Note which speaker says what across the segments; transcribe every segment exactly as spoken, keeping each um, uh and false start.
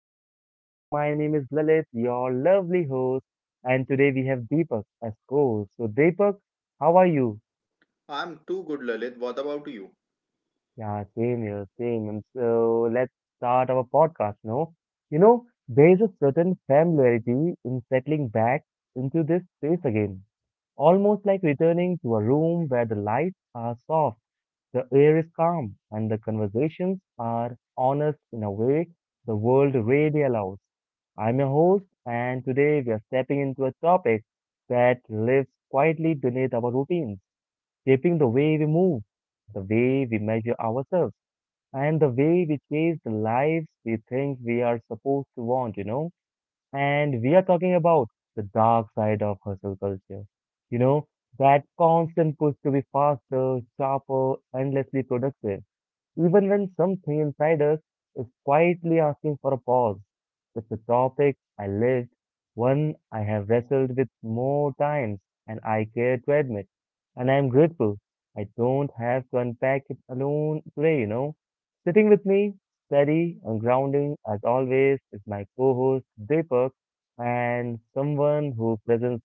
Speaker 1: you guys doing? My name is Lalit, your lovely host, and today we have Deepak as co-host. So, Deepak, how are you?
Speaker 2: I'm too good, Lalit. What about you?
Speaker 1: Yeah, same here, same. And so, let's start our podcast now. You know, there is a certain familiarity in settling back into this space again, almost like returning to a room where the lights are soft. The air is calm and the conversations are honest in a way the world really allows. I'm your host, and today we are stepping into a topic that lives quietly beneath our routines, shaping the way we move, the way we measure ourselves, and the way we chase the lives we think we are supposed to want, you know. And we are talking about the dark side of hustle culture. You know, that constant push to be faster, sharper, endlessly productive, even when something inside us is quietly asking for a pause. It's a topic I lived, one I have wrestled with more times, and I care to admit. And I am grateful I don't have to unpack it alone today, you know. Sitting with me, steady and grounding as always, is my co-host Deepak, and someone who presents,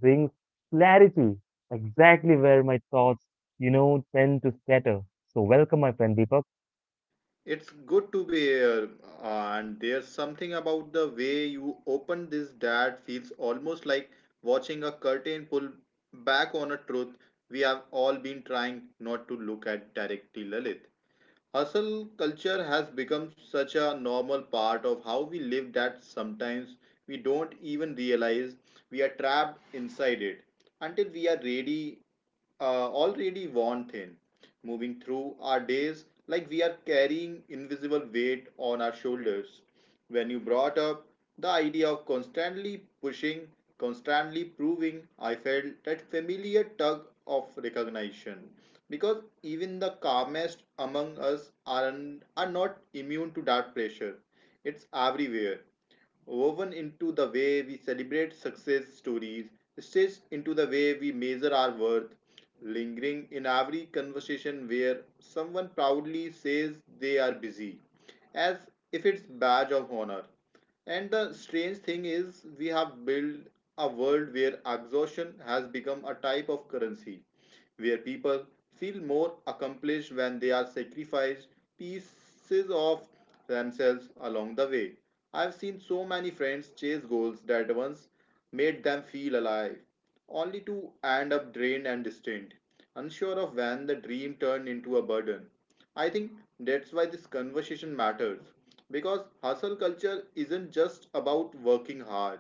Speaker 1: brings clarity exactly where my thoughts you know, tend to scatter. So welcome, my friend Deepak.
Speaker 2: It's good to be here, and there's something about the way you open this that feels almost like watching a curtain pull back on a truth we have all been trying not to look at directly, Lalit. Hustle culture has become such a normal part of how we live that sometimes we don't even realize we are trapped inside it until we are ready, uh, already worn thin, moving through our days like we are carrying invisible weight on our shoulders. When you brought up the idea of constantly pushing, constantly proving, I felt that familiar tug of recognition. Because even the calmest among us are, are not immune to that pressure. It's everywhere, woven into the way we celebrate success stories, stitched into the way we measure our worth, lingering in every conversation where someone proudly says they are busy, as if it's badge of honor. And the strange thing is, we have built a world where exhaustion has become a type of currency, where people feel more accomplished when they are sacrificed pieces of themselves along the way. I've seen so many friends chase goals that once made them feel alive, only to end up drained and distant, unsure of when the dream turned into a burden. I think that's why this conversation matters, because hustle culture isn't just about working hard.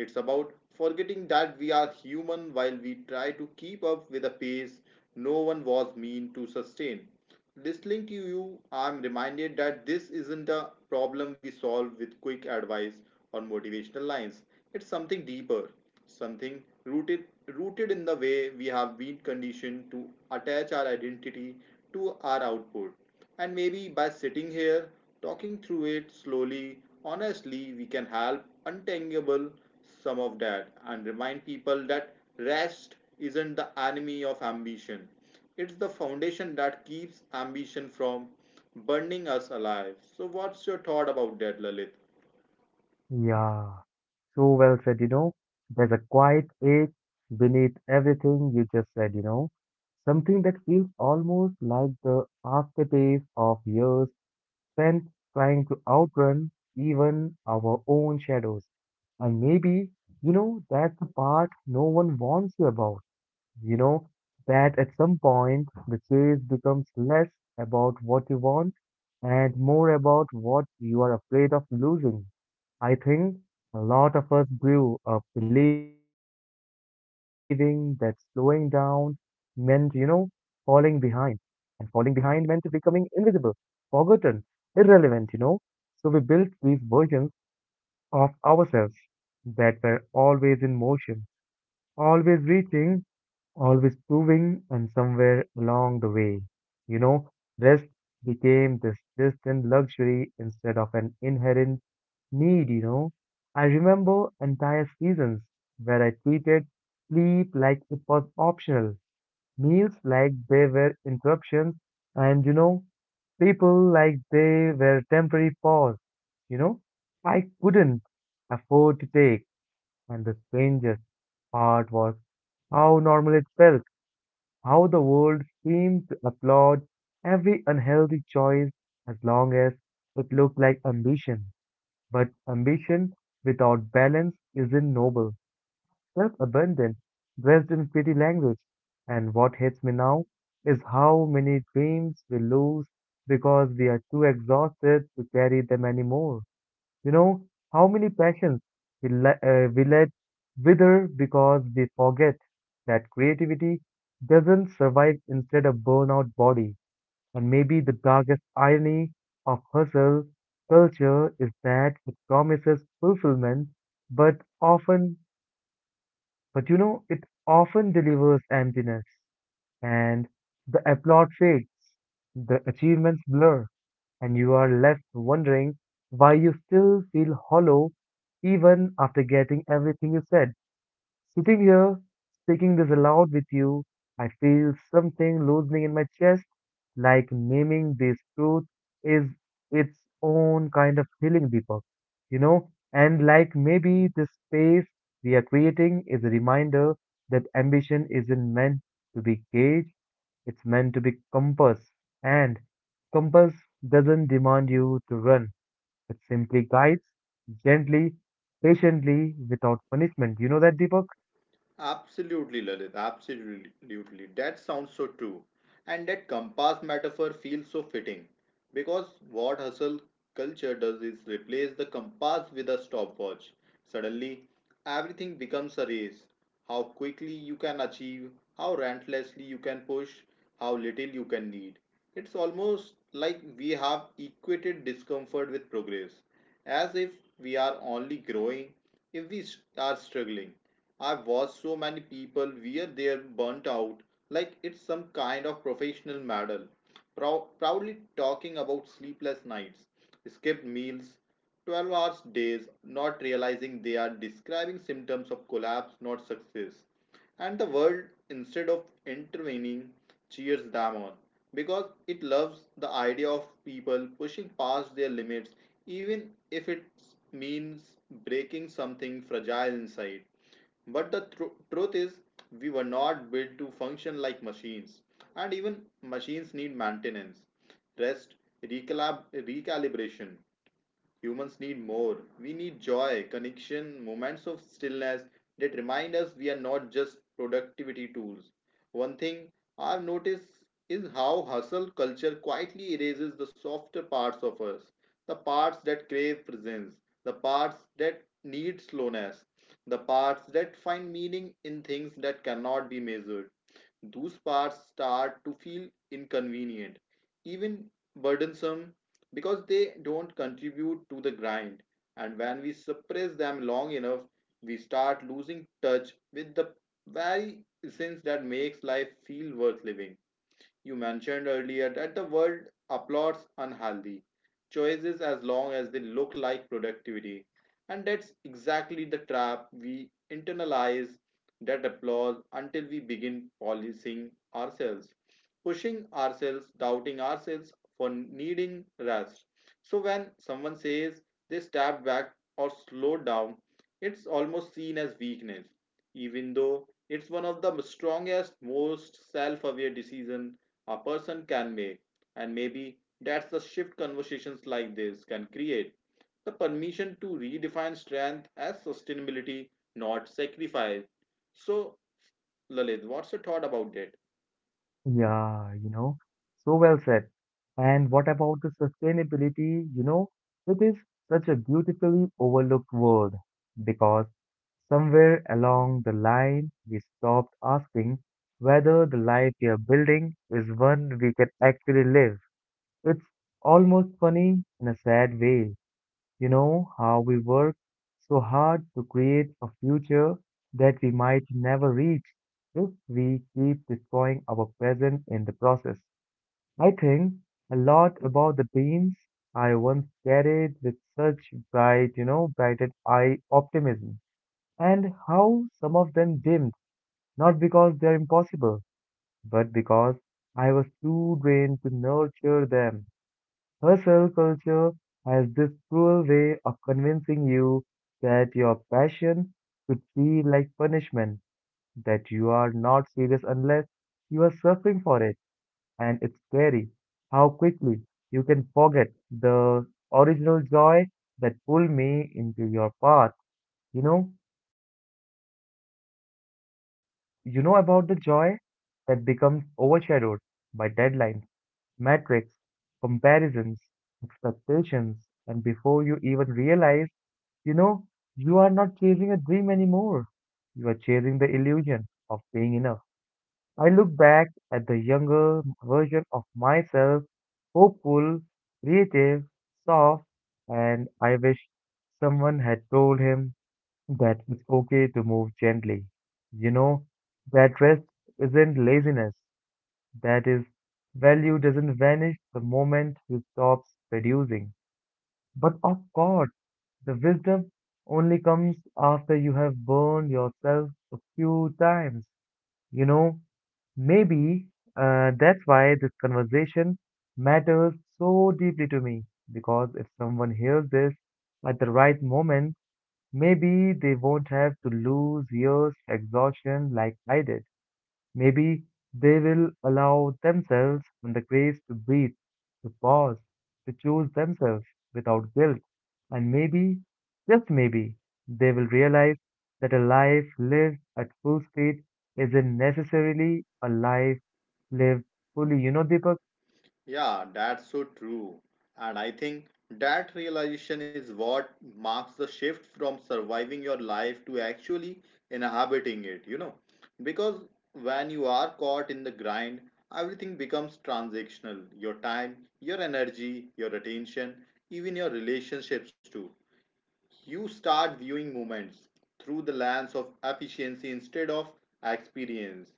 Speaker 2: It's about forgetting that we are human while we try to keep up with a pace no one was meant to sustain. Listening to you, I'm reminded that this isn't a problem we solve with quick advice or motivational lines. It's something deeper, something rooted rooted in the way we have been conditioned to attach our identity to our output. And maybe by sitting here talking through it slowly, honestly, we can help untangle some of that and remind people that rest isn't the enemy of ambition. It's the foundation that keeps ambition from burning us alive. So what's your thought about that, Lalit?
Speaker 1: Yeah, so well said, you know. There's a quiet ache beneath everything you just said, you know. Something that feels almost like the aftertaste of years spent trying to outrun even our own shadows. And maybe, you know, that's the part no one warns you about. You know that at some point the chase becomes less about what you want and more about what you are afraid of losing. I think a lot of us grew up believing that slowing down meant, you know, falling behind. And falling behind meant becoming invisible, forgotten, irrelevant, you know. So we built these versions of ourselves that were always in motion, always reaching, always proving, and somewhere along the way, you know, rest became this distant luxury instead of an inherent need, you know. I remember entire seasons where I treated sleep like it was optional, meals like they were interruptions, and, you know, people like they were temporary pause, you know. I couldn't afford to take, and the strangest part was how normal it felt, how the world seemed to applaud every unhealthy choice as long as it looked like ambition. But ambition without balance isn't noble, self abundant, dressed in pretty language. And what hits me now is how many dreams we lose because we are too exhausted to carry them anymore. You know how many passions we, le- uh, we let wither because we forget that creativity doesn't survive instead of burnout body. And maybe the darkest irony of hustle culture is that it promises fulfillment, but often, but you know, it often delivers emptiness. And the applaud fades, the achievements blur, and you are left wondering why you still feel hollow even after getting everything you said. Sitting here, speaking this aloud with you, I feel something loosening in my chest, like naming this truth is its own kind of healing, Deepak, you know, and like maybe this space we are creating is a reminder that ambition isn't meant to be caged, it's meant to be compass, and compass doesn't demand you to run. It simply guides gently, patiently, without punishment. You know that, Deepak?
Speaker 2: Absolutely, Lalit. Absolutely. That sounds so true. And that compass metaphor feels so fitting because what hustle culture does is replace the compass with a stopwatch. Suddenly, everything becomes a race. How quickly you can achieve, how relentlessly you can push, how little you can need. It's almost like we have equated discomfort with progress, as if we are only growing if we s- are struggling. I've watched so many people where they're burnt out like it's some kind of professional medal. Prou- proudly talking about sleepless nights, skipped meals, twelve hours days, not realizing they are describing symptoms of collapse, not success. And the world, instead of intervening, cheers them on because it loves the idea of people pushing past their limits, even if it means breaking something fragile inside. But the tru- truth is, we were not built to function like machines, and even machines need maintenance, rest, recalab- recalibration. Humans need more. We need joy, connection, moments of stillness that remind us we are not just productivity tools. One thing I've noticed is how hustle culture quietly erases the softer parts of us, the parts that crave presence, the parts that need slowness, the parts that find meaning in things that cannot be measured. Those parts start to feel inconvenient, even burdensome, because they don't contribute to the grind. And when we suppress them long enough, we start losing touch with the very essence that makes life feel worth living. You mentioned earlier that the world applauds unhealthy choices as long as they look like productivity. And that's exactly the trap. We internalize that applause until we begin policing ourselves, pushing ourselves, doubting ourselves for needing rest. So when someone says they step back or slow down, it's almost seen as weakness, even though it's one of the strongest, most self aware decisions a person can make. And maybe that's the shift conversations like this can create, the permission to redefine strength as sustainability, not sacrifice. So, Lalit, what's your thought about that?
Speaker 1: Yeah, you know, so well said. And what about the sustainability? You know, it is such a beautifully overlooked word, because somewhere along the line we stopped asking whether the life we are building is one we can actually live. It's almost funny in a sad way, you know, how we work so hard to create a future that we might never reach if we keep destroying our present in the process. I think a lot about the dreams I once carried with such bright, you know, brighted eye optimism, and how some of them dimmed, not because they're impossible, but because I was too drained to nurture them. Hustle culture has this cruel way of convincing you that your passion should feel like punishment, that you are not serious unless you are suffering for it. And it's scary how quickly you can forget the original joy that pulled me into your path. You know, you know about the joy that becomes overshadowed by deadlines, metrics, comparisons, expectations, and before you even realize, You know, you are not chasing a dream anymore. You are chasing the illusion of being enough. I look back at the younger version of myself, hopeful, creative, soft, and I wish someone had told him that it's okay to move gently. You know, that rest isn't laziness, that is, value doesn't vanish the moment you stop producing. But of course, the wisdom only comes after you have burned yourself a few times. You know, maybe uh, that's why this conversation matters so deeply to me. Because if someone hears this at the right moment, maybe they won't have to lose years to exhaustion like I did. Maybe they will allow themselves and the grace to breathe, to pause, to choose themselves without guilt. And maybe, just maybe, they will realize that a life lived at full speed isn't necessarily a life lived fully. You know, Deepak?
Speaker 2: Yeah, that's so true. And I think that realization is what marks the shift from surviving your life to actually inhabiting it, you know. Because when you are caught in the grind, everything becomes transactional. Your time, your energy, your attention, even your relationships too. You start viewing moments through the lens of efficiency instead of experience.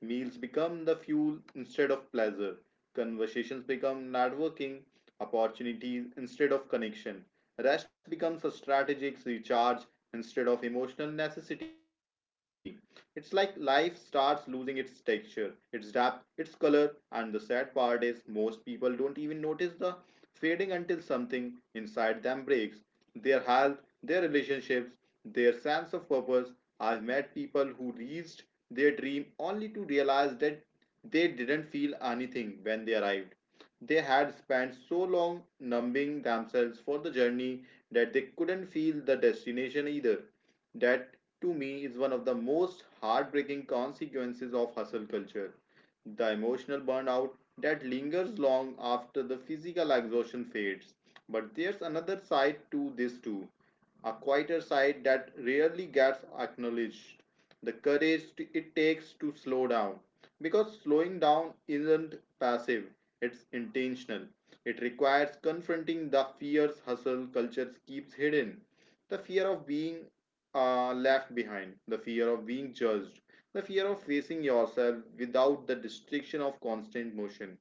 Speaker 2: Meals become the fuel instead of pleasure. Conversations become networking opportunities instead of connection. Rest becomes a strategic recharge instead of emotional necessity. It's like life starts losing its texture, its depth, its color, and the sad part is most people don't even notice the fading until something inside them breaks, their health, their relationships, their sense of purpose. I've met people who reached their dream only to realize that they didn't feel anything when they arrived. They had spent so long numbing themselves for the journey that they couldn't feel the destination either. That, to me, is one of the most heartbreaking consequences of hustle culture, the emotional burnout that lingers long after the physical exhaustion fades. But there's another side to this too, a quieter side that rarely gets acknowledged. The courage t- it takes to slow down. Because slowing down isn't passive, it's intentional. It requires confronting the fears hustle culture keeps hidden. The fear of being uh, left behind, the fear of being judged, the fear of facing yourself without the distraction of constant motion.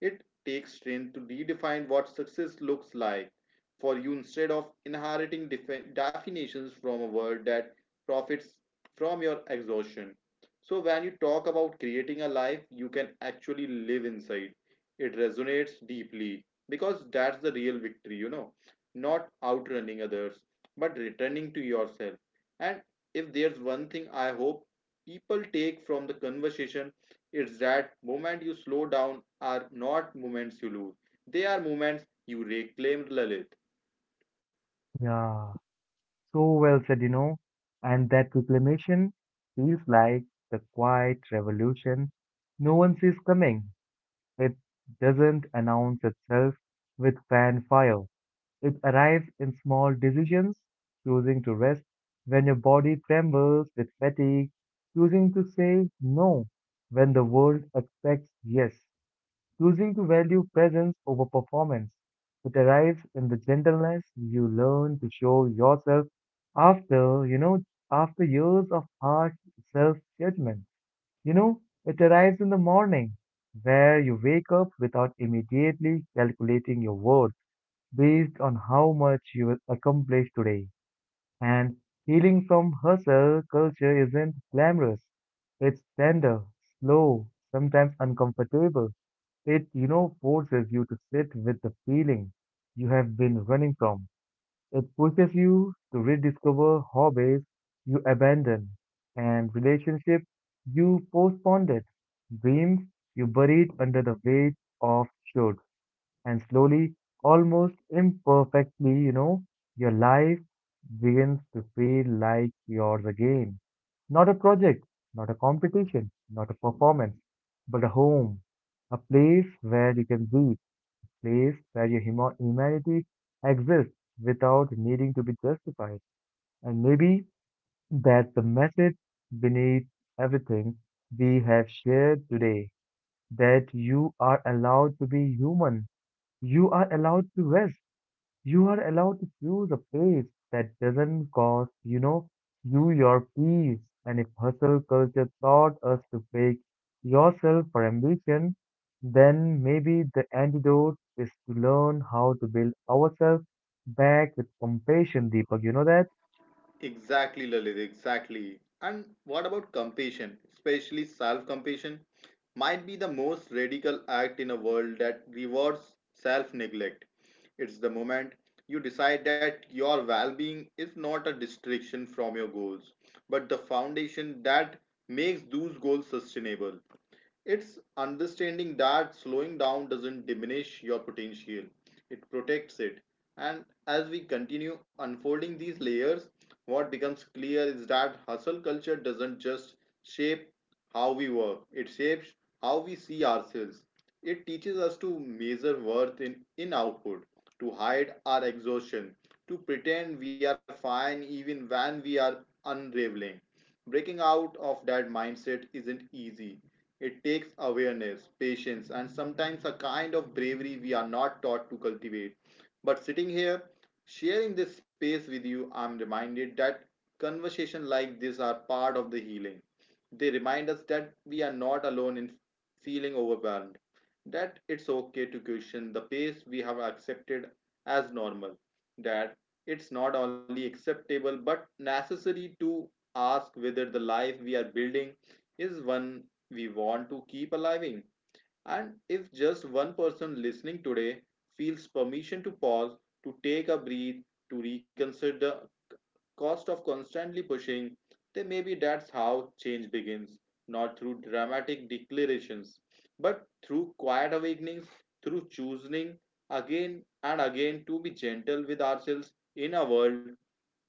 Speaker 2: It takes strength to redefine what success looks like for you instead of inheriting defi- definitions from a world that profits from your exhaustion. So, when you talk about creating a life you can actually live inside, it resonates deeply because that's the real victory, you know, not outrunning others, but returning to yourself. And if there's one thing I hope people take from the conversation, it's that moment you slow down are not moments you lose. They are moments you reclaim, Lalit.
Speaker 1: Yeah, so well said, you know. And that reclamation feels like the quiet revolution no one sees coming, It doesn't announce itself with fanfare. It arrives in small decisions, choosing to rest when your body trembles with fatigue, choosing to say no when the world expects yes, choosing to value presence over performance. It arrives in the gentleness you learn to show yourself after, you know, after years of hard self judgment. You know, it arrives in the morning, where you wake up without immediately calculating your worth based on how much you will accomplish today. And healing from hustle culture isn't glamorous. It's tender, slow, sometimes uncomfortable. It, you know, forces you to sit with the feeling you have been running from. It pushes you to rediscover hobbies you abandoned and relationships you postponed, it, dreams you buried under the weight of should. And slowly, almost imperfectly, you know, your life begins to feel like yours again. Not a project, not a competition, not a performance, but a home, a place where you can be, place where your huma- humanity exists without needing to be justified. And maybe that's the message beneath everything we have shared today, that you are allowed to be human. You are allowed to rest. You are allowed to choose a place that doesn't cost, you know, you your peace. And if hustle culture taught us to fake yourself for ambition, then maybe the antidote is to learn how to build ourselves back with compassion, Deepak. You know that?
Speaker 2: Exactly, Lalit, exactly. And what about compassion, especially self compassion? Might be the most radical act in a world that rewards self neglect. It's the moment you decide that your well being is not a distraction from your goals, but the foundation that makes those goals sustainable. It's understanding that slowing down doesn't diminish your potential, it protects it. And as we continue unfolding these layers, what becomes clear is that hustle culture doesn't just shape how we work, it shapes how we see ourselves. It teaches us to measure worth in, in output, to hide our exhaustion, to pretend we are fine even when we are unraveling. Breaking out of that mindset isn't easy. It takes awareness, patience, and sometimes a kind of bravery we are not taught to cultivate. But sitting here, sharing this space with you, I'm reminded that conversations like this are part of the healing. They remind us that we are not alone in feeling overwhelmed, that it's okay to question the pace we have accepted as normal, that it's not only acceptable but necessary to ask whether the life we are building is one we want to keep alive in. And if just one person listening today feels permission to pause, to take a breath, to reconsider the cost of constantly pushing, then maybe that's how change begins. Not through dramatic declarations, but through quiet awakenings, through choosing again and again to be gentle with ourselves in a world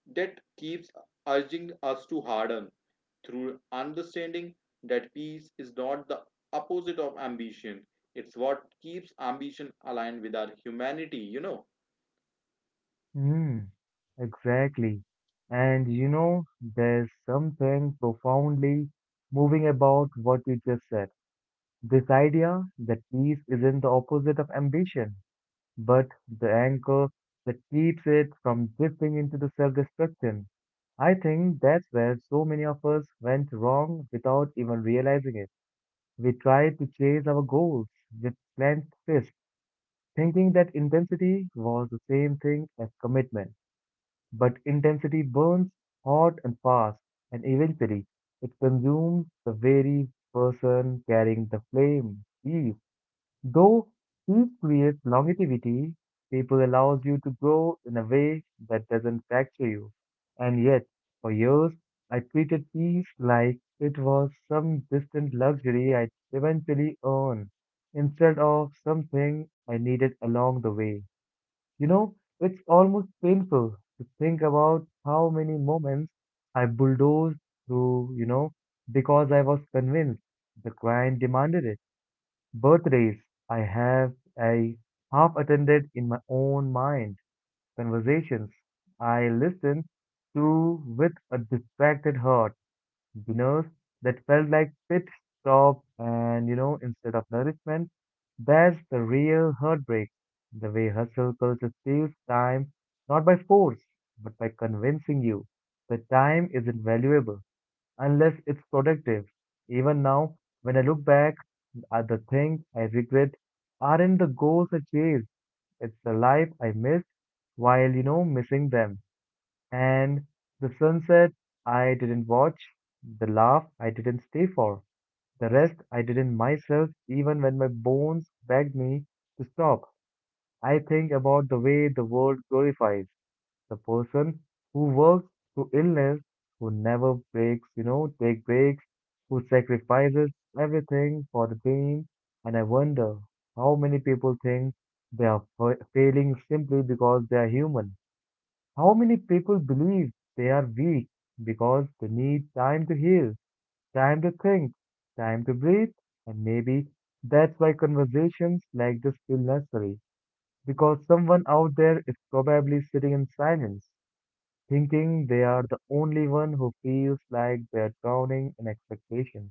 Speaker 2: that keeps urging us to harden, through understanding that peace is not the opposite of ambition. It's what keeps ambition aligned with our humanity, you know.
Speaker 1: Mm, exactly. And you know, there's something profoundly moving about what you just said. This idea that peace isn't the opposite of ambition. but the anchor that keeps it from drifting into the self-destruction. I think that's where so many of us went wrong without even realizing it. We tried to chase our goals with clenched fists, thinking that intensity was the same thing as commitment. But intensity burns hot and fast, and eventually it consumes the very person carrying the flame. Peace, though, each creates longevity, people allows you to grow in a way that doesn't fracture you. And yet, for years, I treated peace like it was some distant luxury I'd eventually earn, instead of something I needed along the way. You know, it's almost painful to think about how many moments I bulldozed through, you know, because I was convinced the client demanded it. Birthdays I have I half attended in my own mind, conversations I listened to with a distracted heart, dinners that felt like pit stops and you know instead of nourishment. That's the real heartbreak. The way hustle culture steals time, not by force, but by convincing you that time isn't valuable unless it's productive. Even now, when I look back, at the things I regret aren't the goals I chased, it's the life I missed while, you know, missing them. And the sunset I didn't watch, the laugh I didn't stay for, the rest I didn't myself even when my bones begged me to stop. I think about the way the world glorifies the person who works through illness, who never breaks, you know, take breaks, who sacrifices everything for the team. And I wonder how many people think they are fa- failing simply because they are human. How many people believe they are weak because they need time to heal, time to think, time to breathe, and maybe that's why conversations like this feel necessary, because someone out there is probably sitting in silence thinking they are the only one who feels like they're drowning in expectations.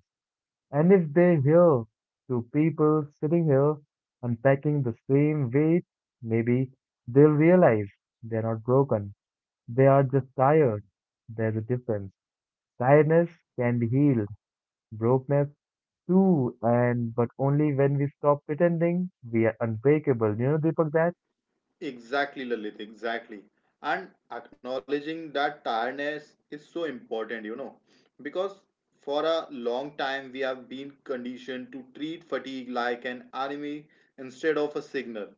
Speaker 1: And if they hear two people sitting here unpacking the same weight, maybe they'll realize they're not broken. They are just tired. There's a difference. Tiredness can be healed, brokenness too, and but only when we stop pretending we are unbreakable. You know, Deepak, that?
Speaker 2: Exactly, Lalit, exactly. And acknowledging that tiredness is so important, you know, because for a long time we have been conditioned to treat fatigue like an enemy instead of a signal.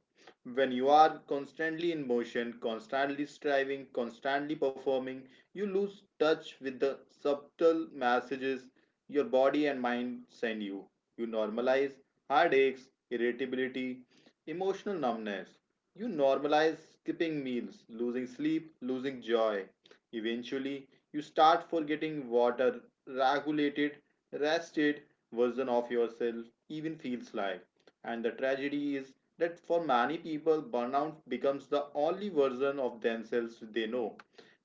Speaker 2: When you are constantly in motion, constantly striving, constantly performing, you lose touch with the subtle messages your body and mind send you. You normalize heartaches, irritability, emotional numbness. You normalize skipping meals, losing sleep, losing joy. Eventually, you start forgetting water, regulated, rested version of yourself even feels like. And the tragedy is that for many people, burnout becomes the only version of themselves they know.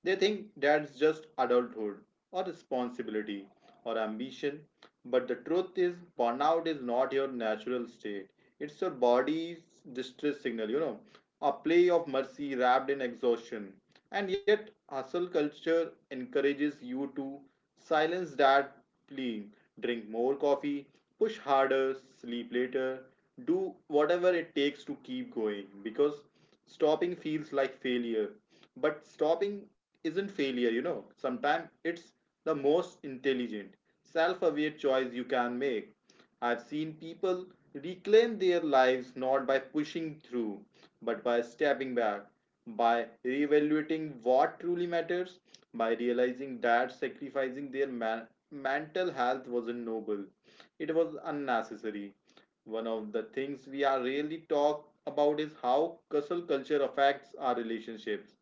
Speaker 2: They think that's just adulthood or responsibility or ambition. But the truth is, burnout is not your natural state, it's your body's distress signal, you know, a play of mercy wrapped in exhaustion. And yet, hustle culture encourages you to silence that plea, drink more coffee, push harder, sleep later, do whatever it takes to keep going because stopping feels like failure. But stopping isn't failure, you know. Sometimes it's the most intelligent, self aware choice you can make. I've seen people reclaim their lives not by pushing through, but by stepping back, by reevaluating what truly matters, by realizing that sacrificing their man mental health wasn't noble, it was unnecessary. One of the things we are rarely talk about is how hustle culture affects our relationships.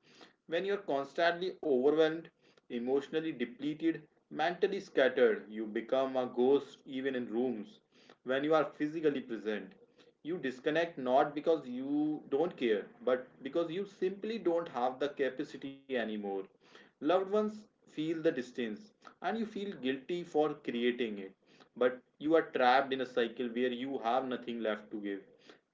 Speaker 2: When you're constantly overwhelmed, emotionally depleted, mentally scattered, you become a ghost even in rooms. When you are physically present, you disconnect not because you don't care, but because you simply don't have the capacity anymore. Loved ones feel the distance, and you feel guilty for creating it, but you are trapped in a cycle where you have nothing left to give.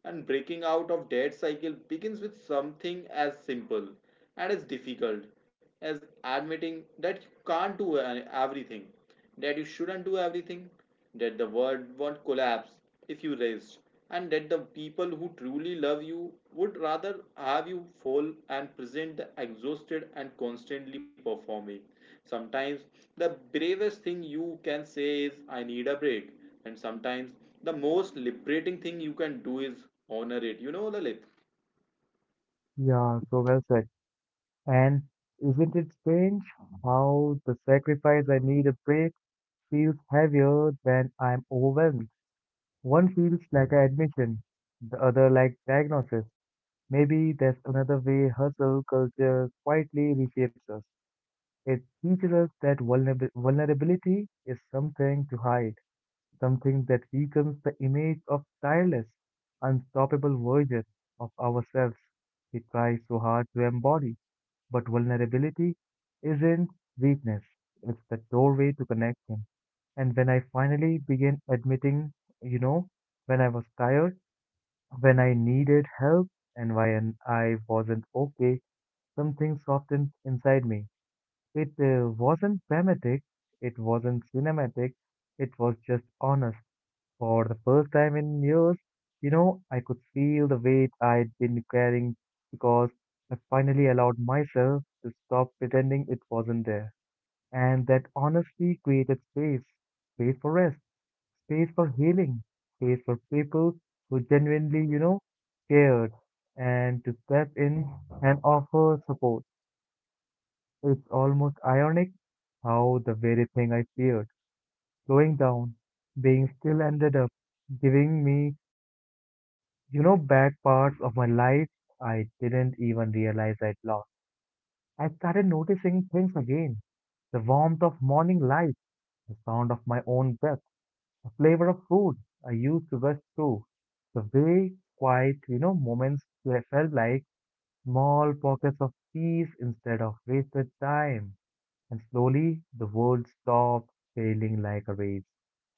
Speaker 2: And breaking out of debt cycle begins with something as simple and as difficult as admitting that you can't do everything, that you shouldn't do everything, that the world won't collapse if you rest, and that the people who truly love you would rather have you fall and present exhausted and constantly performing. Sometimes the bravest thing you can say is, I need a break, and sometimes the most liberating thing you can do is honor it, you know, Lalit.
Speaker 1: Yeah, so well said. And isn't it strange how the sacrifice I need a break feels heavier when I'm overwhelmed? One feels like an admission, the other like diagnosis. Maybe that's another way hustle culture quietly reshapes us. It teaches us that vulnerab- vulnerability is something to hide, something that weakens the image of tireless, unstoppable version of ourselves we try so hard to embody. But vulnerability isn't weakness, it's the doorway to connection. And when I finally began admitting, you know, when I was tired, when I needed help, and when I wasn't okay, something softened inside me. It uh, wasn't dramatic, it wasn't cinematic, it was just honest. For the first time in years, you know, I could feel the weight I'd been carrying because I finally allowed myself to stop pretending it wasn't there. And that honestly created space, space for rest, space for healing, space for people who genuinely, you know, cared, and to step in and offer support. It's almost ironic how the very thing I feared, slowing down, being still, ended up giving me, you know, back parts of my life I didn't even realize I'd lost. I started noticing things again. The warmth of morning light, the sound of my own breath, the flavor of food I used to rush through, the way quiet, you know, moments where I felt like small pockets of peace instead of wasted time. And slowly the world stopped feeling like a race.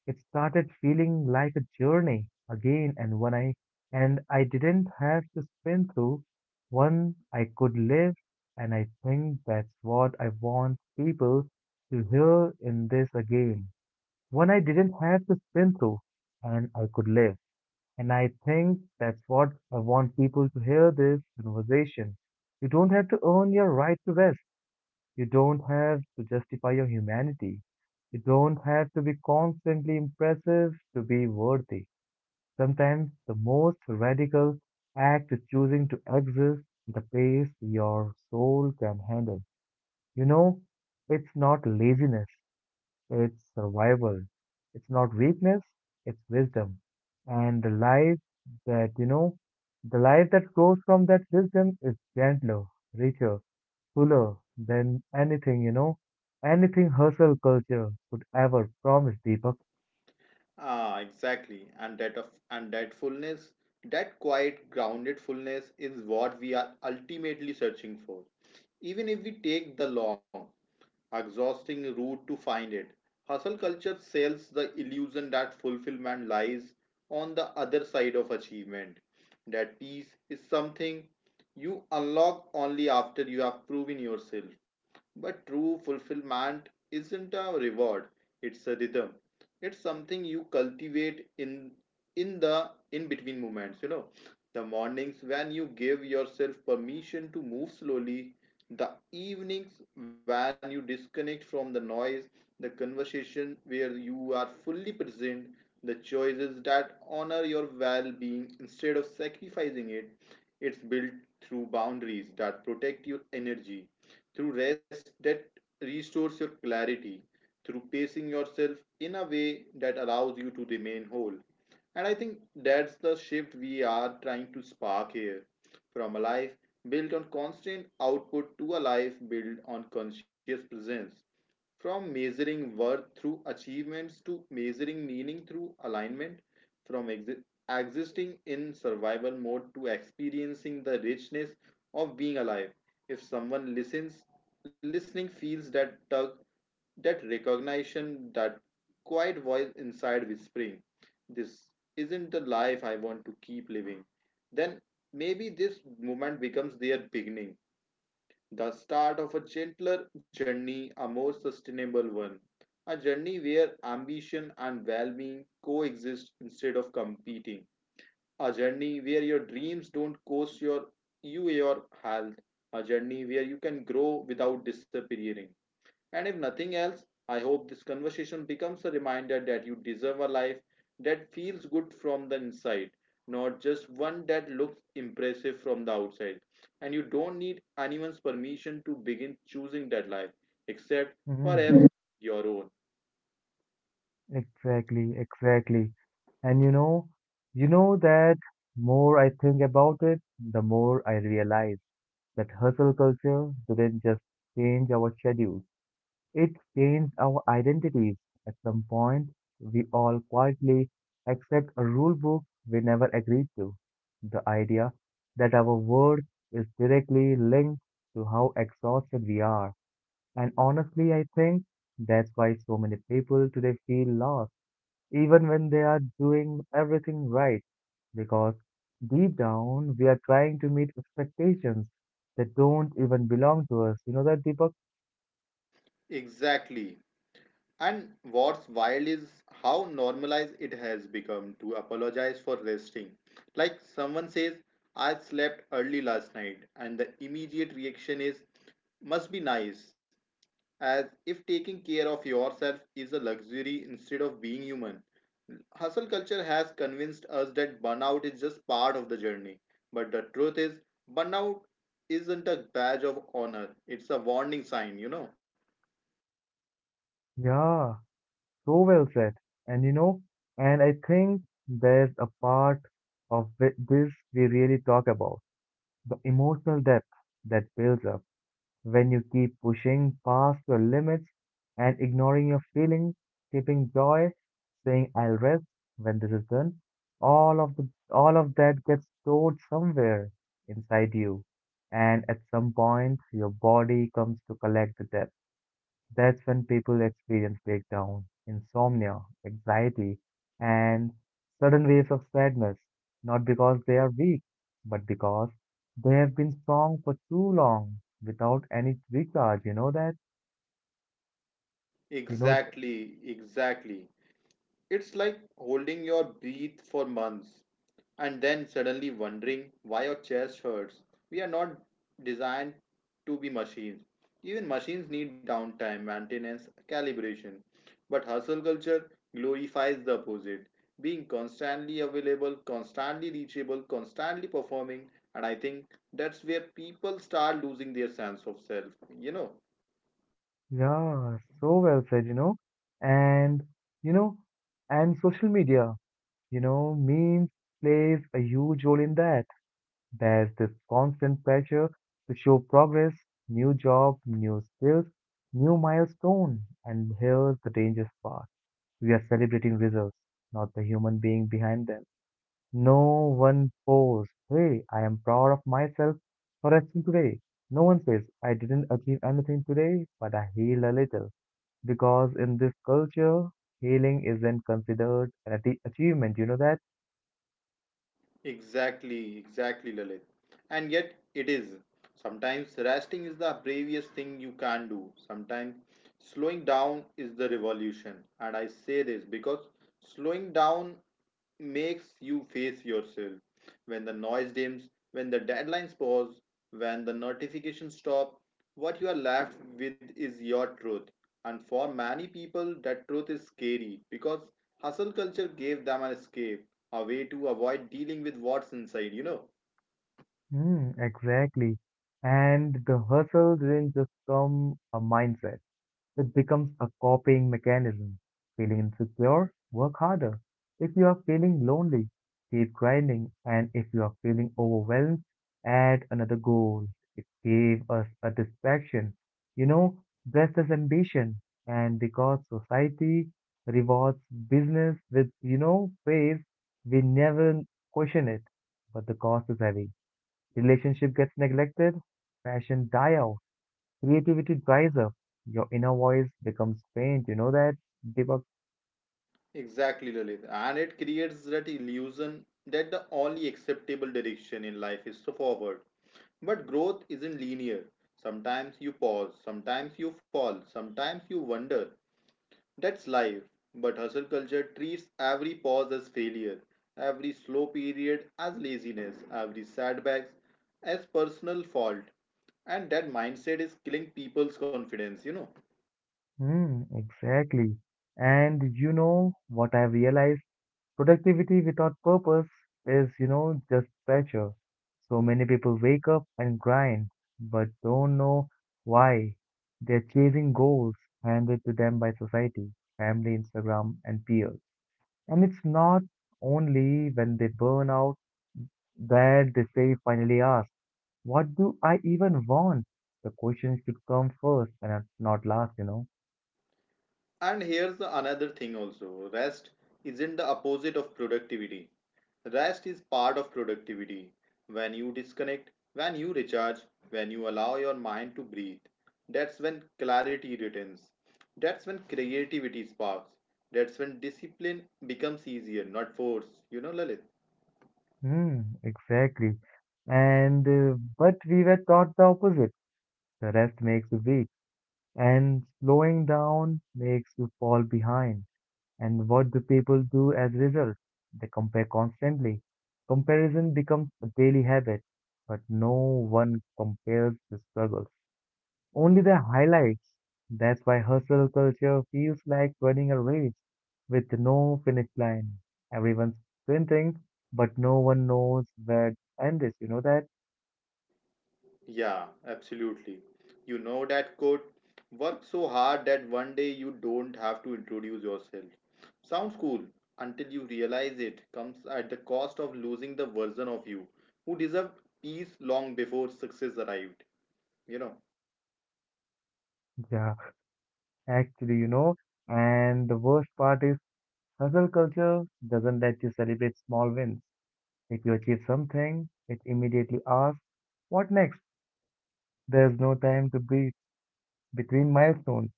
Speaker 1: It started feeling like a journey again. And when I and I didn't have to spin through one, I could live, and I think that's what I want people to hear in this again. One, I didn't have to spin through, and I could live. And I think that's what I want people to hear this conversation. You don't have to earn your right to rest. You don't have to justify your humanity. You don't have to be constantly impressive to be worthy. Sometimes the most radical act is choosing to exist at the pace your soul can handle. You know, it's not laziness, it's survival. It's not weakness, it's wisdom. And the life that, you know, the life that grows from that wisdom is gentler, richer, fuller than anything, you know, anything hustle culture could ever promise, Deepak.
Speaker 2: Ah, exactly. And that of and that fullness, that quiet, grounded fullness is what we are ultimately searching for. Even if we take the long, exhausting route to find it. Hustle culture sells the illusion that fulfillment lies on the other side of achievement. That peace is something you unlock only after you have proven yourself. But true fulfillment isn't a reward, it's a rhythm. It's something you cultivate in in the in between moments, you know, the mornings when you give yourself permission to move slowly, the evenings when you disconnect from the noise, the conversation where you are fully present, the choices that honor your well-being instead of sacrificing it. It's built through boundaries that protect your energy, through rest that restores your clarity, through pacing yourself in a way that allows you to remain whole. And I think that's the shift we are trying to spark here, from a life built on constant output to a life built on conscious presence. From measuring worth through achievements to measuring meaning through alignment, from exi- existing in survival mode to experiencing the richness of being alive. If someone listens, listening feels that tug, that recognition, that quiet voice inside whispering, this isn't the life I want to keep living, then maybe this moment becomes their beginning, the start of a gentler journey, a more sustainable one, a journey where ambition and well-being coexist instead of competing, a journey where your dreams don't cost your you your health, a journey where you can grow without disappearing. And if nothing else, I hope this conversation becomes a reminder that you deserve a life that feels good from the inside, not just one that looks impressive from the outside. And you don't need anyone's permission to begin choosing that life, except
Speaker 1: Hmm.
Speaker 2: perhaps your own.
Speaker 1: Exactly, exactly. And you know, you know that more I think about it, the more I realize that hustle culture didn't just change our schedule. It changed our identities. At some point, we all quietly accept a rule book we never agreed to. The idea that our word is directly linked to how exhausted we are. And honestly, I think that's why so many people today feel lost, even when they are doing everything right. Because deep down, we are trying to meet expectations that don't even belong to us. You know that, Deepak?
Speaker 2: Exactly. And what's wild is how normalized it has become to apologize for resting. Like someone says, I slept early last night, and the immediate reaction is, must be nice, as if taking care of yourself is a luxury instead of being human. Hustle culture has convinced us that burnout is just part of the journey, but the truth is, burnout isn't a badge of honor, it's a warning sign, you know.
Speaker 1: Yeah. So well said. And you know, and I think there's a part of thi- this we really talk about, the emotional depth that builds up when you keep pushing past your limits and ignoring your feelings, keeping joy, saying I'll rest when this is done. All of the all of that gets stored somewhere inside you. And at some point your body comes to collect the debt. That's when people experience breakdown, insomnia, anxiety, and sudden waves of sadness, not because they are weak, but because they have been strong for too long without any recharge. You know that? You know, th-
Speaker 2: Exactly, exactly. It's like holding your breath for months and then suddenly wondering why your chest hurts. We are not designed to be machines. Even machines need downtime, maintenance, calibration. But hustle culture glorifies the opposite, being constantly available, constantly reachable, constantly performing. And I think that's where people start losing their sense of self, you know.
Speaker 1: yeah, so well said, you know. And, you know, and social media, you know, memes plays a huge role in that. There's this constant pressure to show progress, new job, new skills, new milestone. And here's the dangerous part. We are celebrating results, not the human being behind them. No one posts, hey, I am proud of myself for resting today. No one says, I didn't achieve anything today, but I healed a little. Because in this culture, healing isn't considered an atti- achievement, you know that?
Speaker 2: Exactly, exactly, Lalit. And yet it is. Sometimes resting is the bravest thing you can do. Sometimes slowing down is the revolution. And I say this because slowing down makes you face yourself. When the noise dims, when the deadlines pause, when the notifications stop, what you are left with is your truth. And for many people, that truth is scary because hustle culture gave them an escape, a way to avoid dealing with what's inside, you know.
Speaker 1: Mm, exactly. And the hustle didn't just become a mindset, it becomes a coping mechanism. Feeling insecure, work harder. If you are feeling lonely, keep grinding. And if you are feeling overwhelmed, add another goal. It gave us a distraction, you know, dressed as ambition. And because society rewards business with, you know, praise, we never question it. But the cost is heavy. Relationship gets neglected, passion die out, creativity dries up, your inner voice becomes faint. You know that, Deepak?
Speaker 2: Exactly, Lalit. And it creates that illusion that the only acceptable direction in life is to forward. But growth isn't linear. Sometimes you pause, sometimes you fall, sometimes you wonder. That's life. But hustle culture treats every pause as failure, every slow period as laziness, every setback as personal fault. And that mindset is killing people's confidence, you know.
Speaker 1: Hmm, exactly. And you know what I realized? Productivity without purpose is, you know, just pressure. So many people wake up and grind, but don't know why. They're chasing goals handed to them by society, family, Instagram, and peers. And it's not only when they burn out that they finally ask, what do I even want? The question should come first and not not last, you know.
Speaker 2: And here's another thing, also rest isn't the opposite of productivity. Rest is part of productivity. When you disconnect, when you recharge, when you allow your mind to breathe, that's when clarity returns. That's when creativity sparks. That's when discipline becomes easier, not forced. You know, Lalit?
Speaker 1: Hmm, exactly. And uh, but we were taught the opposite. The rest makes you weak, and slowing down makes you fall behind. And what do people do as a result? They compare constantly. Comparison becomes a daily habit, but no one compares the struggle, only the highlights. That's why hustle culture feels like running a race with no finish line. Everyone's sprinting, but no one knows where to end is. You know that?
Speaker 2: Yeah, absolutely. You know that quote, work so hard that one day you don't have to introduce yourself. Sounds cool until you realize it comes at the cost of losing the version of you who deserved peace long before success arrived. You know.
Speaker 1: Yeah, actually, you know. And the worst part is hustle culture doesn't let you celebrate small wins. If you achieve something, it immediately asks, what next? There's no time to breathe between milestones.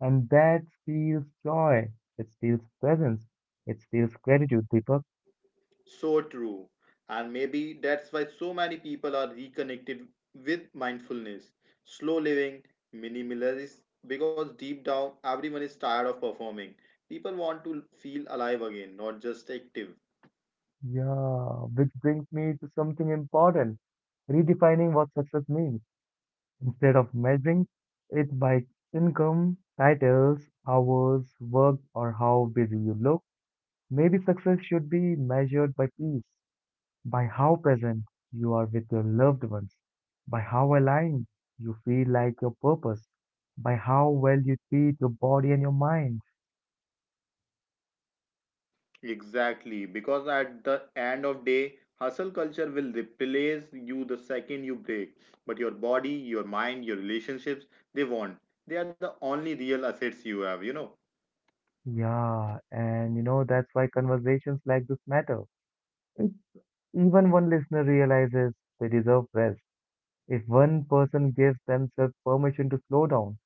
Speaker 1: And that steals joy. It steals presence. It steals gratitude, Deepak.
Speaker 2: So true. And maybe that's why so many people are reconnected with mindfulness, slow living, minimalism, because deep down everyone is tired of performing. People want to feel alive again, not just active.
Speaker 1: Yeah, which brings me to something important, redefining what success means. Instead of measuring it by income, titles, hours, work, or how busy you look, maybe success should be measured by peace, by how present you are with your loved ones, by how aligned you feel like your purpose, by how well you treat your body and your mind.
Speaker 2: Exactly, because at the end of day, hustle culture will replace you the second you break. But your body, your mind, your relationships, they won't. They are the only real assets you have, you know.
Speaker 1: Yeah, and you know, that's why conversations like this matter. Even one listener realizes they deserve rest. If one person gives themselves permission to slow down,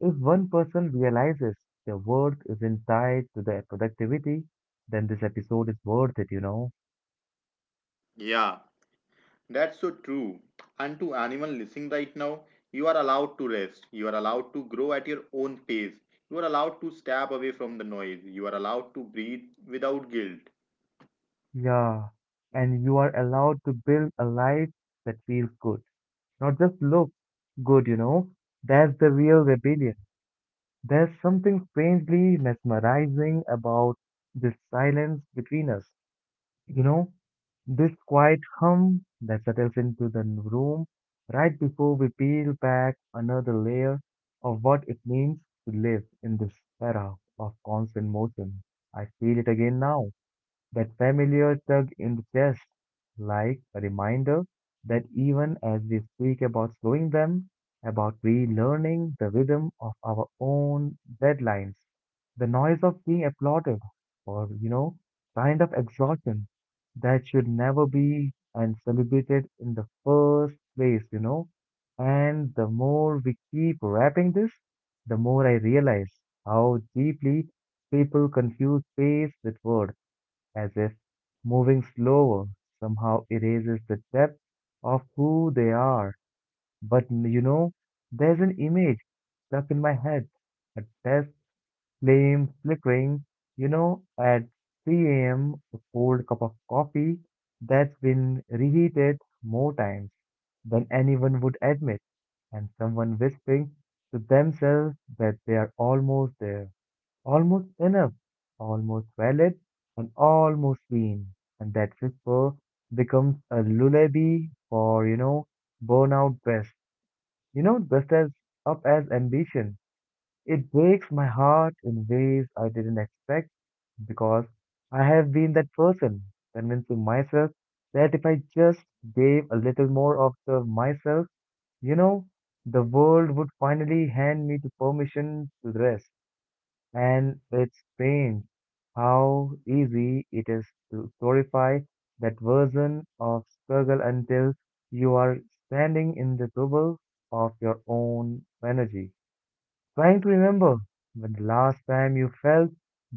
Speaker 1: if one person realizes their worth isn't tied to their productivity, then this episode is worth it, you know?
Speaker 2: Yeah. That's so true. And to anyone listening right now, you are allowed to rest. You are allowed to grow at your own pace. You are allowed to step away from the noise. You are allowed to breathe without guilt.
Speaker 1: Yeah. And you are allowed to build a life that feels good, not just looks good, you know? That's the real rebellion. There's something strangely mesmerizing about this silence between us. You know, this quiet hum that settles into the room right before we peel back another layer of what it means to live in this era of constant motion. I feel it again now. That familiar tug in the chest, like a reminder that even as we speak about slowing them, about relearning the rhythm of our own deadlines, the noise of being applauded or, you know, kind of exhaustion that should never be and celebrated in the first place, you know. And the more we keep wrapping this, the more I realize how deeply people confuse pace with word, as if moving slower somehow erases the depth of who they are. But you know, there's an image stuck in my head, a test flame flickering, you know, at three a m, a cold cup of coffee that's been reheated more times than anyone would admit, and someone whispering to themselves that they are almost there, almost enough, almost valid, and almost clean. And that whisper becomes a lullaby for, you know, burnout best. You know, best as up as ambition. It breaks my heart in ways I didn't expect because I have been that person, convincing myself that if I just gave a little more of the myself, you know, the world would finally hand me the permission to rest. And it's strange how easy it is to glorify that version of struggle until you are standing in the bubble of your own energy, trying to remember when the last time you felt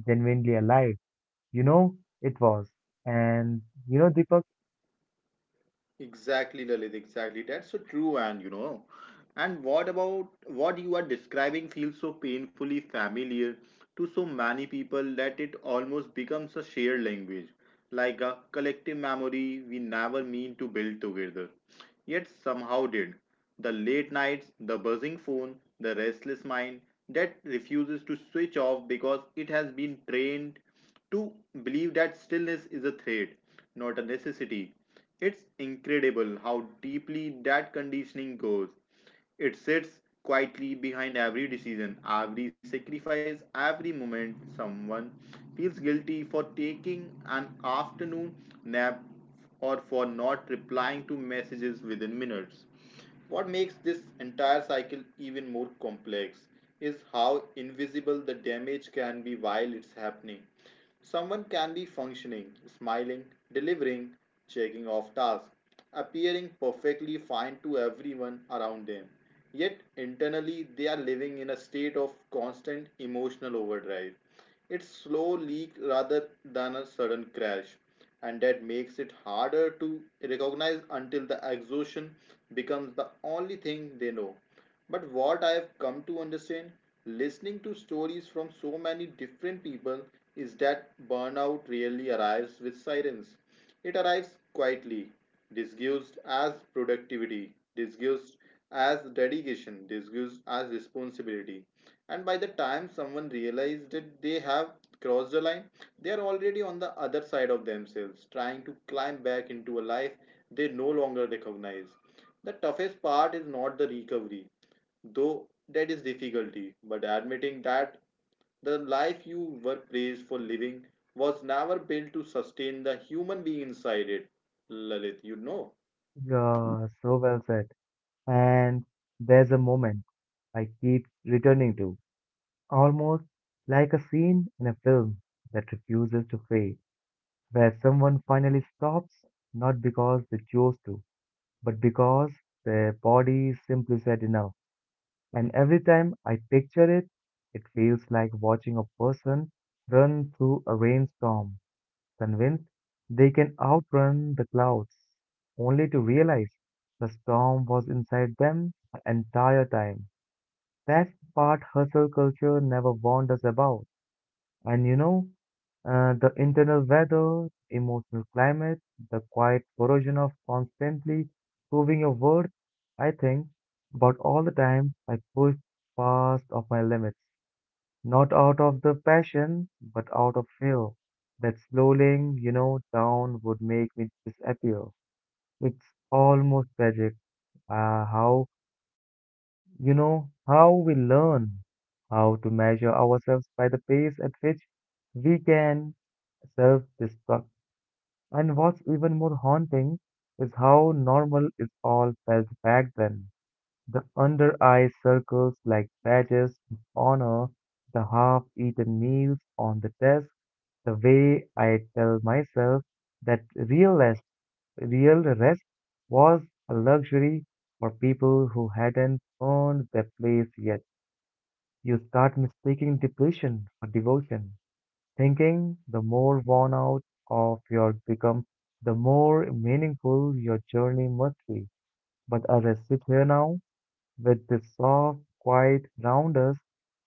Speaker 1: genuinely alive. You know, it was. And you know, Deepak,
Speaker 2: Exactly, Lalit, exactly. That's so true, and you know. And what about what you are describing feels so painfully familiar to so many people that it almost becomes a shared language, like a collective memory we never mean to build together, yet somehow did. The late nights, the buzzing phone, the restless mind that refuses to switch off because it has been trained to believe that stillness is a threat, not a necessity. It's incredible how deeply that conditioning goes. It sits quietly behind every decision, every sacrifice, every moment someone feels guilty for taking an afternoon nap or for not replying to messages within minutes. What makes this entire cycle even more complex is how invisible the damage can be while it's happening. Someone can be functioning, smiling, delivering, checking off tasks, appearing perfectly fine to everyone around them. Yet internally, they are living in a state of constant emotional overdrive. It's slow leak rather than a sudden crash, and that makes it harder to recognize until the exhaustion becomes the only thing they know. But what I have come to understand, listening to stories from so many different people, is that burnout really arrives with sirens. It arrives quietly, disguised as productivity, disguised as dedication, disguised as responsibility. And by the time someone realizes that they have crossed the line, they are already on the other side of themselves, trying to climb back into a life they no longer recognize. The toughest part is not the recovery, though that is difficulty, but admitting that the life you were praised for living was never built to sustain the human being inside it, Lalit. You know,
Speaker 1: uh, so well said. And there's a moment I keep returning to, almost like a scene in a film that refuses to fade, where someone finally stops, not because they chose to, but because their body simply said enough. And every time I picture it, it feels like watching a person run through a rainstorm, convinced they can outrun the clouds, only to realize the storm was inside them the entire time. That's the part hustle culture never warned us about. And you know, uh, the internal weather, emotional climate, the quiet corrosion of constantly proving your worth, I think, about all the time I pushed past of my limits, not out of the passion, but out of fear that slowing, you know, down would make me disappear. It's almost tragic uh, how you know, how we learn how to measure ourselves by the pace at which we can self destruct. And what's even more haunting is how normal it all felt back then. The under eye circles like badges of honor, the half eaten meals on the desk, the way I tell myself that real rest, real rest was a luxury for people who hadn't earned their place yet. You start mistaking depletion for devotion, thinking the more worn out of your become, the more meaningful your journey must be. But as I sit here now, with this soft, quiet around us,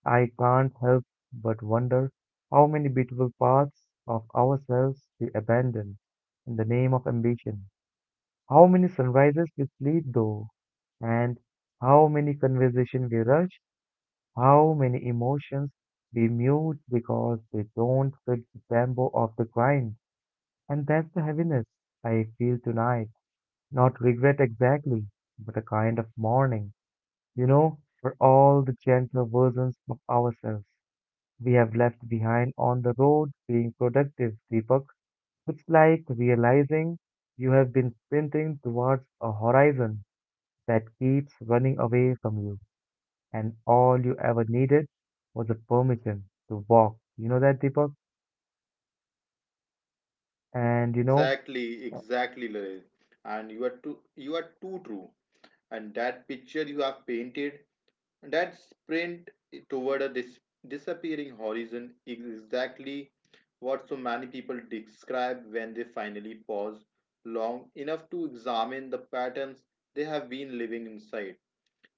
Speaker 1: I can't help but wonder how many beautiful parts of ourselves we abandon in the name of ambition. How many sunrises we sleep though, and how many conversations we rush how many emotions we mute because they don't fit the tempo of the grind. And that's the heaviness I feel tonight. Not regret exactly, but a kind of mourning. You know, for all the gentler versions of ourselves we have left behind on the road being productive, Deepak. It's like realizing you have been sprinting towards a horizon that keeps running away from you and all you ever needed was a permission to walk. You know that, Deepak? And you know,
Speaker 2: exactly, exactly, Lalit. And you are too, you are too true. And that picture you have painted, that sprint toward a dis- disappearing horizon, is exactly what so many people describe when they finally pause long enough to examine the patterns they have been living inside.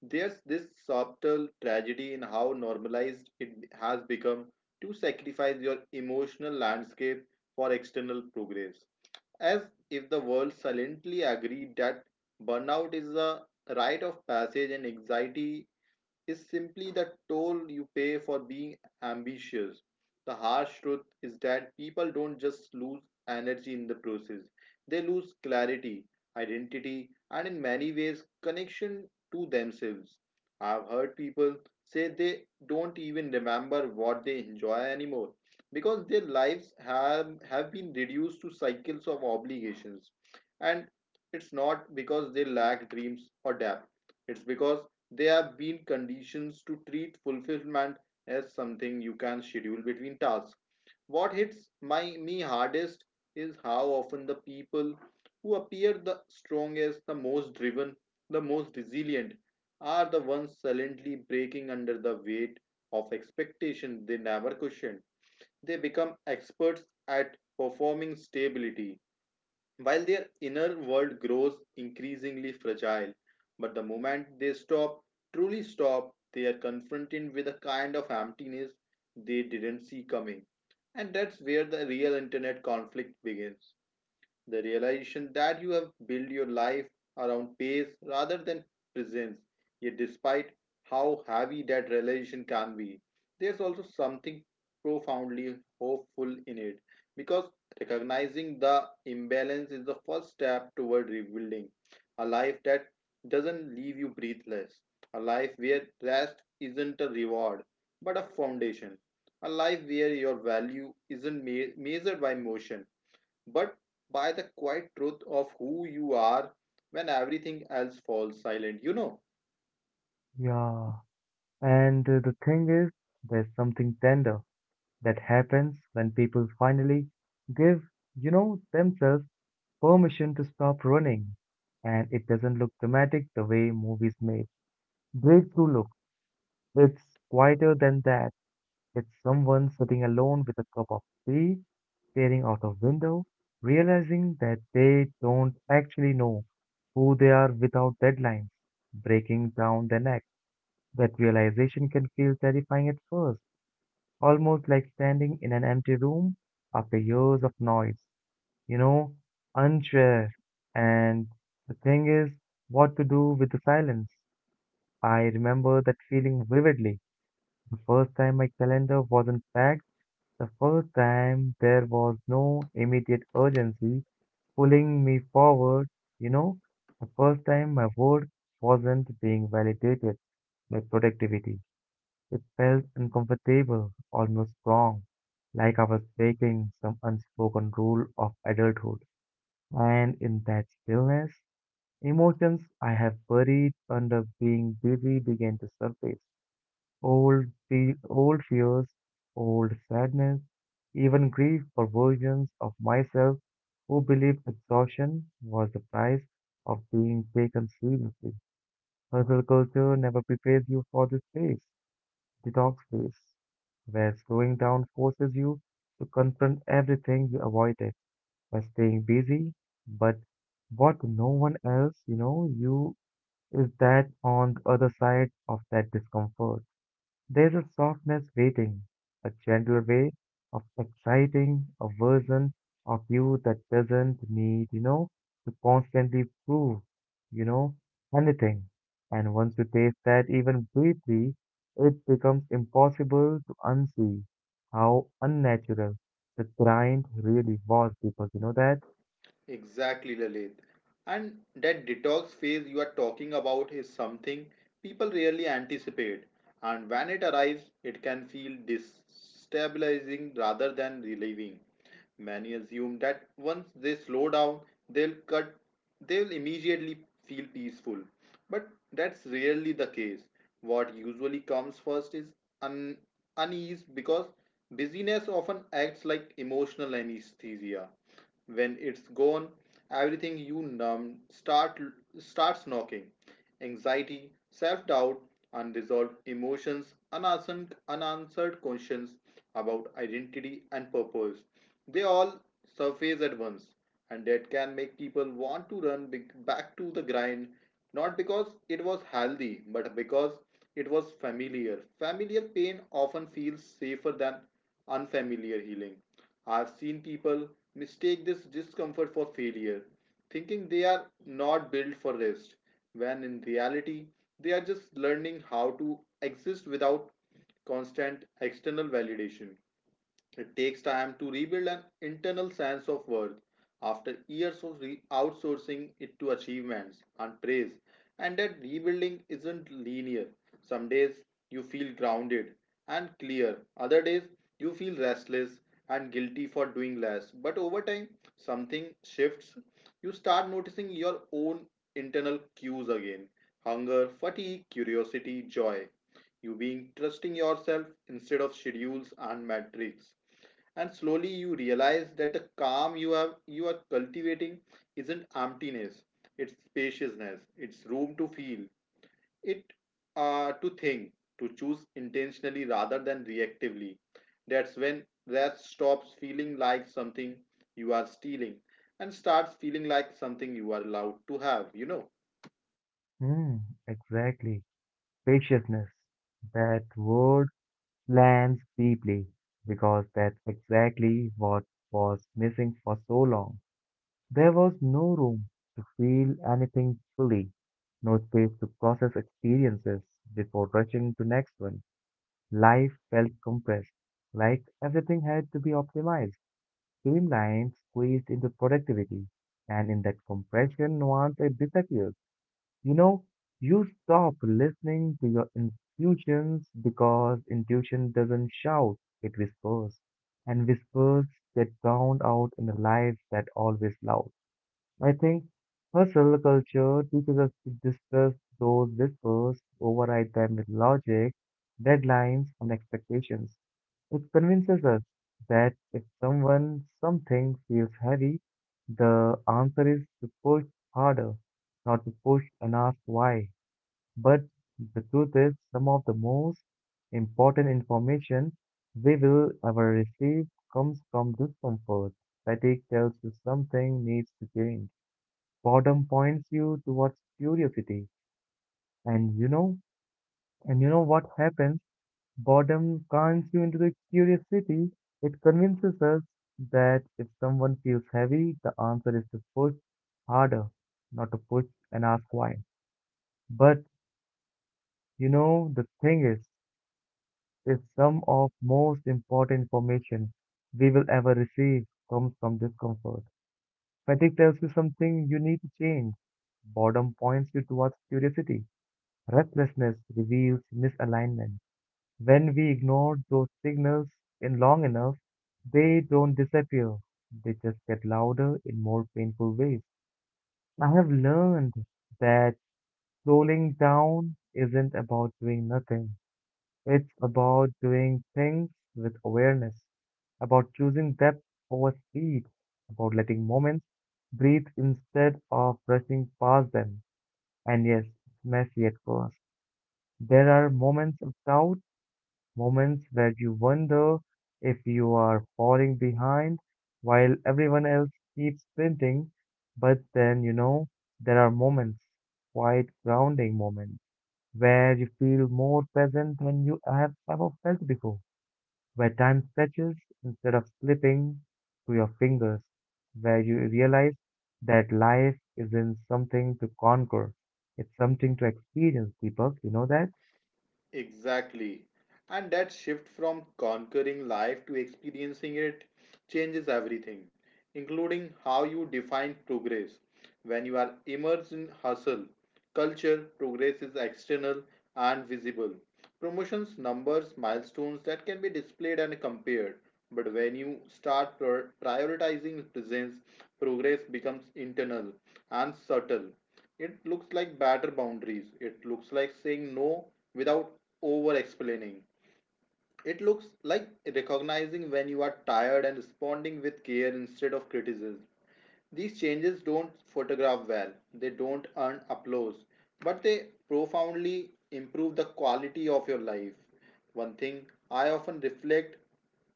Speaker 2: There's this subtle tragedy in how normalized it has become to sacrifice your emotional landscape for external progress, as if the world silently agreed that burnout is a rite of passage and anxiety is simply the toll you pay for being ambitious. The harsh truth is that people don't just lose energy in the process, they lose clarity, identity, and in many ways, connection to themselves. I've heard people say they don't even remember what they enjoy anymore because their lives have, have been reduced to cycles of obligations. And it's not because they lack dreams or depth, it's because they have been conditioned to treat fulfillment as something you can schedule between tasks. What hits my me hardest is how often the people who appear the strongest, the most driven, the most resilient are the ones silently breaking under the weight of expectations they never question. They become experts at performing stability while their inner world grows increasingly fragile, but the moment they stop, truly stop, they are confronted with a kind of emptiness they didn't see coming. And that's where the real internet conflict begins. The realization that you have built your life around pace rather than presence. Yet, despite how heavy that realization can be, there's also something profoundly hopeful in it because recognizing the imbalance is the first step toward rebuilding a life that doesn't leave you breathless, a life where rest isn't a reward but a foundation, a life where your value isn't me- measured by motion but by the quiet truth of who you are when everything else falls silent. You know,
Speaker 1: yeah. And uh, the thing is, there's something tender that happens when people finally give, you know, themselves permission to stop running. And it doesn't look dramatic the way movies make. Breakthrough look. It's quieter than that. It's someone sitting alone with a cup of tea staring out of window, realizing that they don't actually know who they are without deadlines, breaking down their neck. That realization can feel terrifying at first, almost like standing in an empty room after years of noise, you know, unsure. And the thing is, what to do with the silence? I remember that feeling vividly. The first time my calendar wasn't packed, the first time there was no immediate urgency, pulling me forward. You know, the first time my word wasn't being validated by productivity. It felt uncomfortable, almost wrong, like I was breaking some unspoken rule of adulthood. And in that stillness, emotions I have buried under being busy began to surface. Old, fe- old fears, old sadness, even grief for versions of myself who believed exhaustion was the price of being taken seriously. Hustle culture never prepares you for this phase, detox phase, where slowing down forces you to confront everything you avoided by staying busy. But what no one else, you know, you is that on the other side of that discomfort there's a softness waiting, a gentler way of exciting a version of you that doesn't need, you know, to constantly prove, you know, anything. And once you taste that even briefly, it becomes impossible to unsee how unnatural the grind really was because you know that?
Speaker 2: exactly, Lalit. And that detox phase you are talking about is something people rarely anticipate. And when it arrives, it can feel destabilizing rather than relieving. Many assume that once they slow down, they'll cut, they'll immediately feel peaceful. But that's rarely the case. What usually comes first is un- unease, because busyness often acts like emotional anesthesia. When it's gone, everything you numbed start starts knocking. Anxiety, self-doubt, unresolved emotions, unanswered, unanswered questions about identity and purpose. They all surface at once, and that can make people want to run big- back to the grind, not because it was healthy, but because it was familiar. Familiar pain often feels safer than unfamiliar healing. I've seen people mistake this discomfort for failure, thinking they are not built for rest, when in reality, they are just learning how to exist without constant external validation. It takes time to rebuild an internal sense of worth after years of re- outsourcing it to achievements and praise, and that rebuilding isn't linear. Some days you feel grounded and clear, other days you feel restless and guilty for doing less. But over time, something shifts. You start noticing your own internal cues again: hunger, fatigue, curiosity, joy. You being trusting yourself instead of schedules and metrics, and slowly you realize that the calm you have you are cultivating isn't emptiness, it's spaciousness, it's room to feel it, uh, to think, to choose intentionally rather than reactively. That's when that stops feeling like something you are stealing and starts feeling like something you are allowed to have, you know?
Speaker 1: Hmm, exactly. Spaciousness. That word lands deeply because that's exactly what was missing for so long. There was no room to feel anything fully, no space to process experiences before rushing to next one. Life felt compressed, like everything had to be optimized, streamlined, squeezed into productivity, and in that compression, nuance it disappears. You know, you stop listening to your intuitions because intuition doesn't shout, it whispers. And whispers get drowned out in the lives that always loud. I think hustle culture teaches us to discuss those whispers, override them with logic, deadlines, and expectations. It convinces us that if someone something feels heavy, the answer is to push harder, not to push and ask why. But the truth is, some of the most important information we will ever receive comes from discomfort. Fatigue tells you something needs to change. Boredom points you towards curiosity. And you know, and you know what happens? Boredom turns you into the curiosity. It convinces us that if someone feels heavy, the answer is to push harder, not to push and ask why. But you know, the thing is, is some of most important information we will ever receive comes from discomfort. Fatigue tells you something you need to change. Boredom points you towards curiosity. Restlessness reveals misalignment. When we ignore those signals in long enough, they don't disappear. They just get louder in more painful ways. I have learned that slowing down isn't about doing nothing. It's about doing things with awareness, about choosing depth over speed, about letting moments breathe instead of rushing past them. And yes, it's messy at first. There are moments of doubt moments where you wonder if you are falling behind while everyone else keeps sprinting. But then, you know, there are moments, quite grounding moments, where you feel more present than you have ever felt before, where time stretches instead of slipping through your fingers, where you realize that life isn't something to conquer. It's something to experience, Deepak. You know that?
Speaker 2: Exactly. And that shift from conquering life to experiencing it changes everything, including how you define progress. When you are immersed in hustle, culture, progress is external and visible. Promotions, numbers, milestones that can be displayed and compared. But when you start prior- prioritizing presence, progress becomes internal and subtle. It looks like better boundaries. It looks like saying no without over explaining. It looks like recognizing when you are tired and responding with care instead of criticism. These changes don't photograph well, they don't earn applause, but they profoundly improve the quality of your life. One thing I often reflect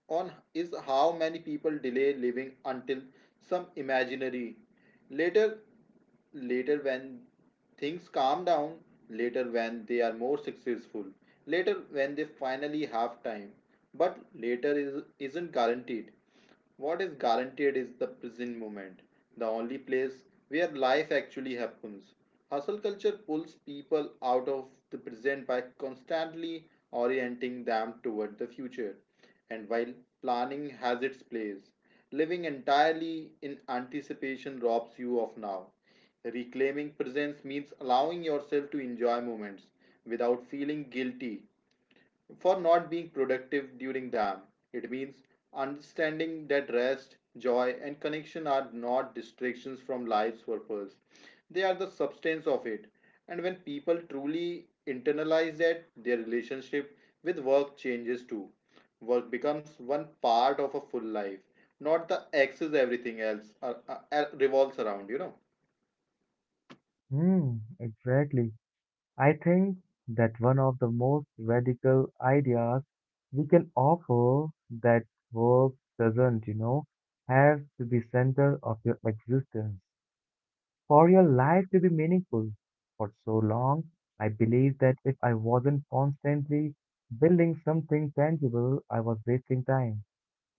Speaker 2: on is how many people delay living until some imaginary later. Later when things calm down, later when they are more successful, later when they finally have time. But later is, isn't guaranteed. What is guaranteed is the present moment, the only place where life actually happens. Hustle culture pulls people out of the present by constantly orienting them toward the future. And while planning has its place, living entirely in anticipation robs you of now. Reclaiming presence means allowing yourself to enjoy moments without feeling guilty for not being productive during them. It means understanding that rest, joy, and connection are not distractions from life's purpose, they are the substance of it. And when people truly internalize that, their relationship with work changes too. Work becomes one part of a full life, not the axis everything else uh, uh, uh, revolves around, you know.
Speaker 1: Hmm, exactly. I think that one of the most radical ideas we can offer that work doesn't, you know, have to be center of your existence for your life to be meaningful. For so long, I believed that if I wasn't constantly building something tangible, I was wasting time.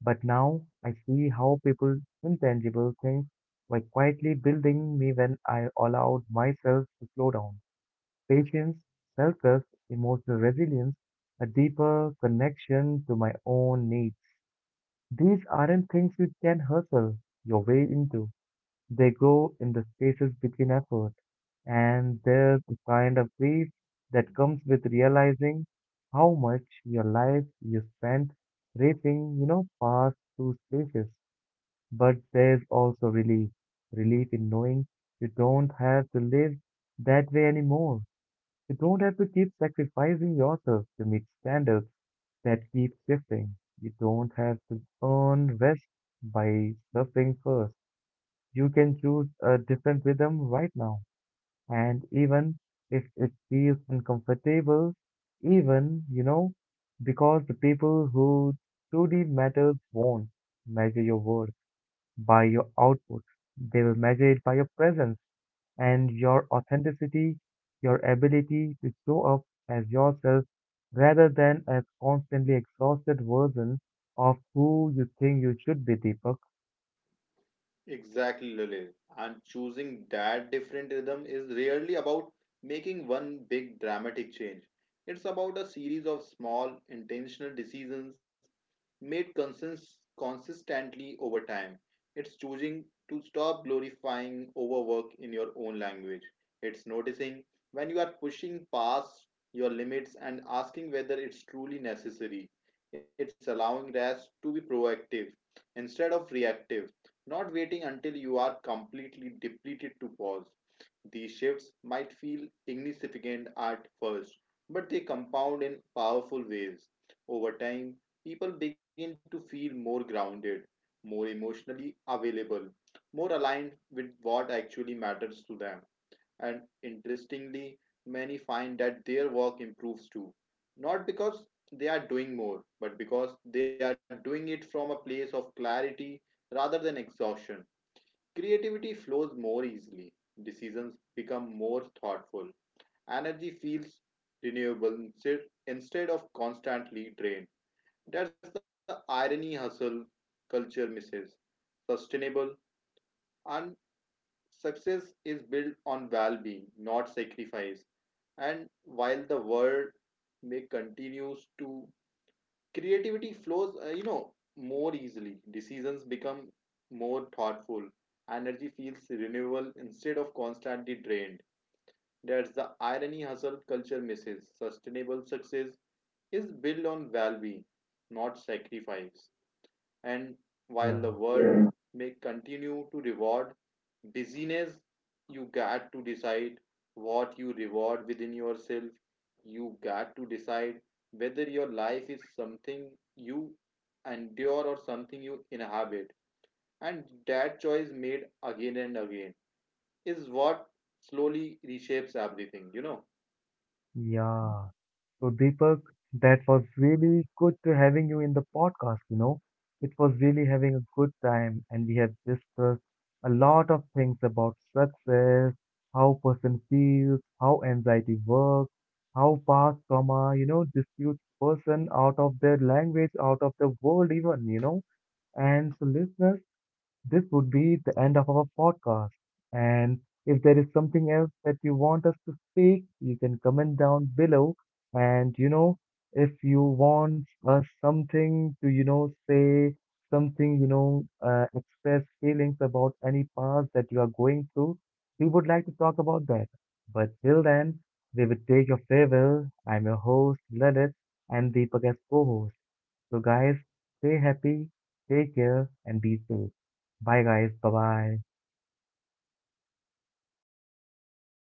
Speaker 1: But now I see how people intangible things were quietly building me when I allowed myself to slow down. Patience, self trust, emotional resilience, a deeper connection to my own needs. These aren't things you can hustle your way into. They grow in the spaces between effort. And there's the kind of grief that comes with realizing how much your life you spent racing, you know, past two spaces. But there's also relief. Relief in knowing you don't have to live that way anymore you don't have to keep sacrificing yourself to meet standards that keep shifting. You don't have to earn rest by suffering first. You can choose a different rhythm right now. And even if it feels uncomfortable, even, you know, because the people who truly matters won't measure your worth by your output. They will measure it by your presence and your authenticity, your ability to show up as yourself rather than a constantly exhausted version of who you think you should be, Deepak.
Speaker 2: Exactly, Lily. And choosing that different rhythm is really about making one big dramatic change. It's about a series of small, intentional decisions made consist- consistently over time. It's choosing to stop glorifying overwork in your own language. It's noticing when you are pushing past your limits and asking whether it's truly necessary. It's allowing rest to be proactive instead of reactive, not waiting until you are completely depleted to pause. These shifts might feel insignificant at first, but they compound in powerful ways. Over time, people begin to feel more grounded, more emotionally available, more aligned with what actually matters to them. And interestingly, many find that their work improves too, not because they are doing more, but because they are doing it from a place of clarity rather than exhaustion. Creativity flows more easily, decisions become more thoughtful, energy feels renewable instead, instead of constantly drained. That's the irony hustle culture misses. Sustainable and success is built on well being, not sacrifice. And while the world may continues to creativity flows uh, you know, more easily, decisions become more thoughtful, energy feels renewable instead of constantly drained. That's the irony hustle culture misses. Sustainable success is built on well-being, not sacrifice. And while
Speaker 1: Yeah,
Speaker 2: the world may continue to reward busyness, you got to decide what you reward within yourself. You got to decide whether your life is something you endure or something you inhabit. And that choice, made again and again, is what slowly reshapes everything, you know.
Speaker 1: yeah. So, Deepak, that was really good to having you in the podcast, you know. It was really having a good time and we have discussed a lot of things about success, how person feels, how anxiety works, how past trauma, you know, disputes person out of their language, out of the world even, you know. And so listeners, this would be the end of our podcast. And if there is something else that you want us to speak, you can comment down below. And you know, if you want us something to, you know, say something, you know, uh, express feelings about any past that you are going through, we would like to talk about that. But till then, we will take your farewell. I'm your host, Lalit, and Deepak as co-host. So, guys, stay happy, take care, and be safe. Bye, guys. Bye bye.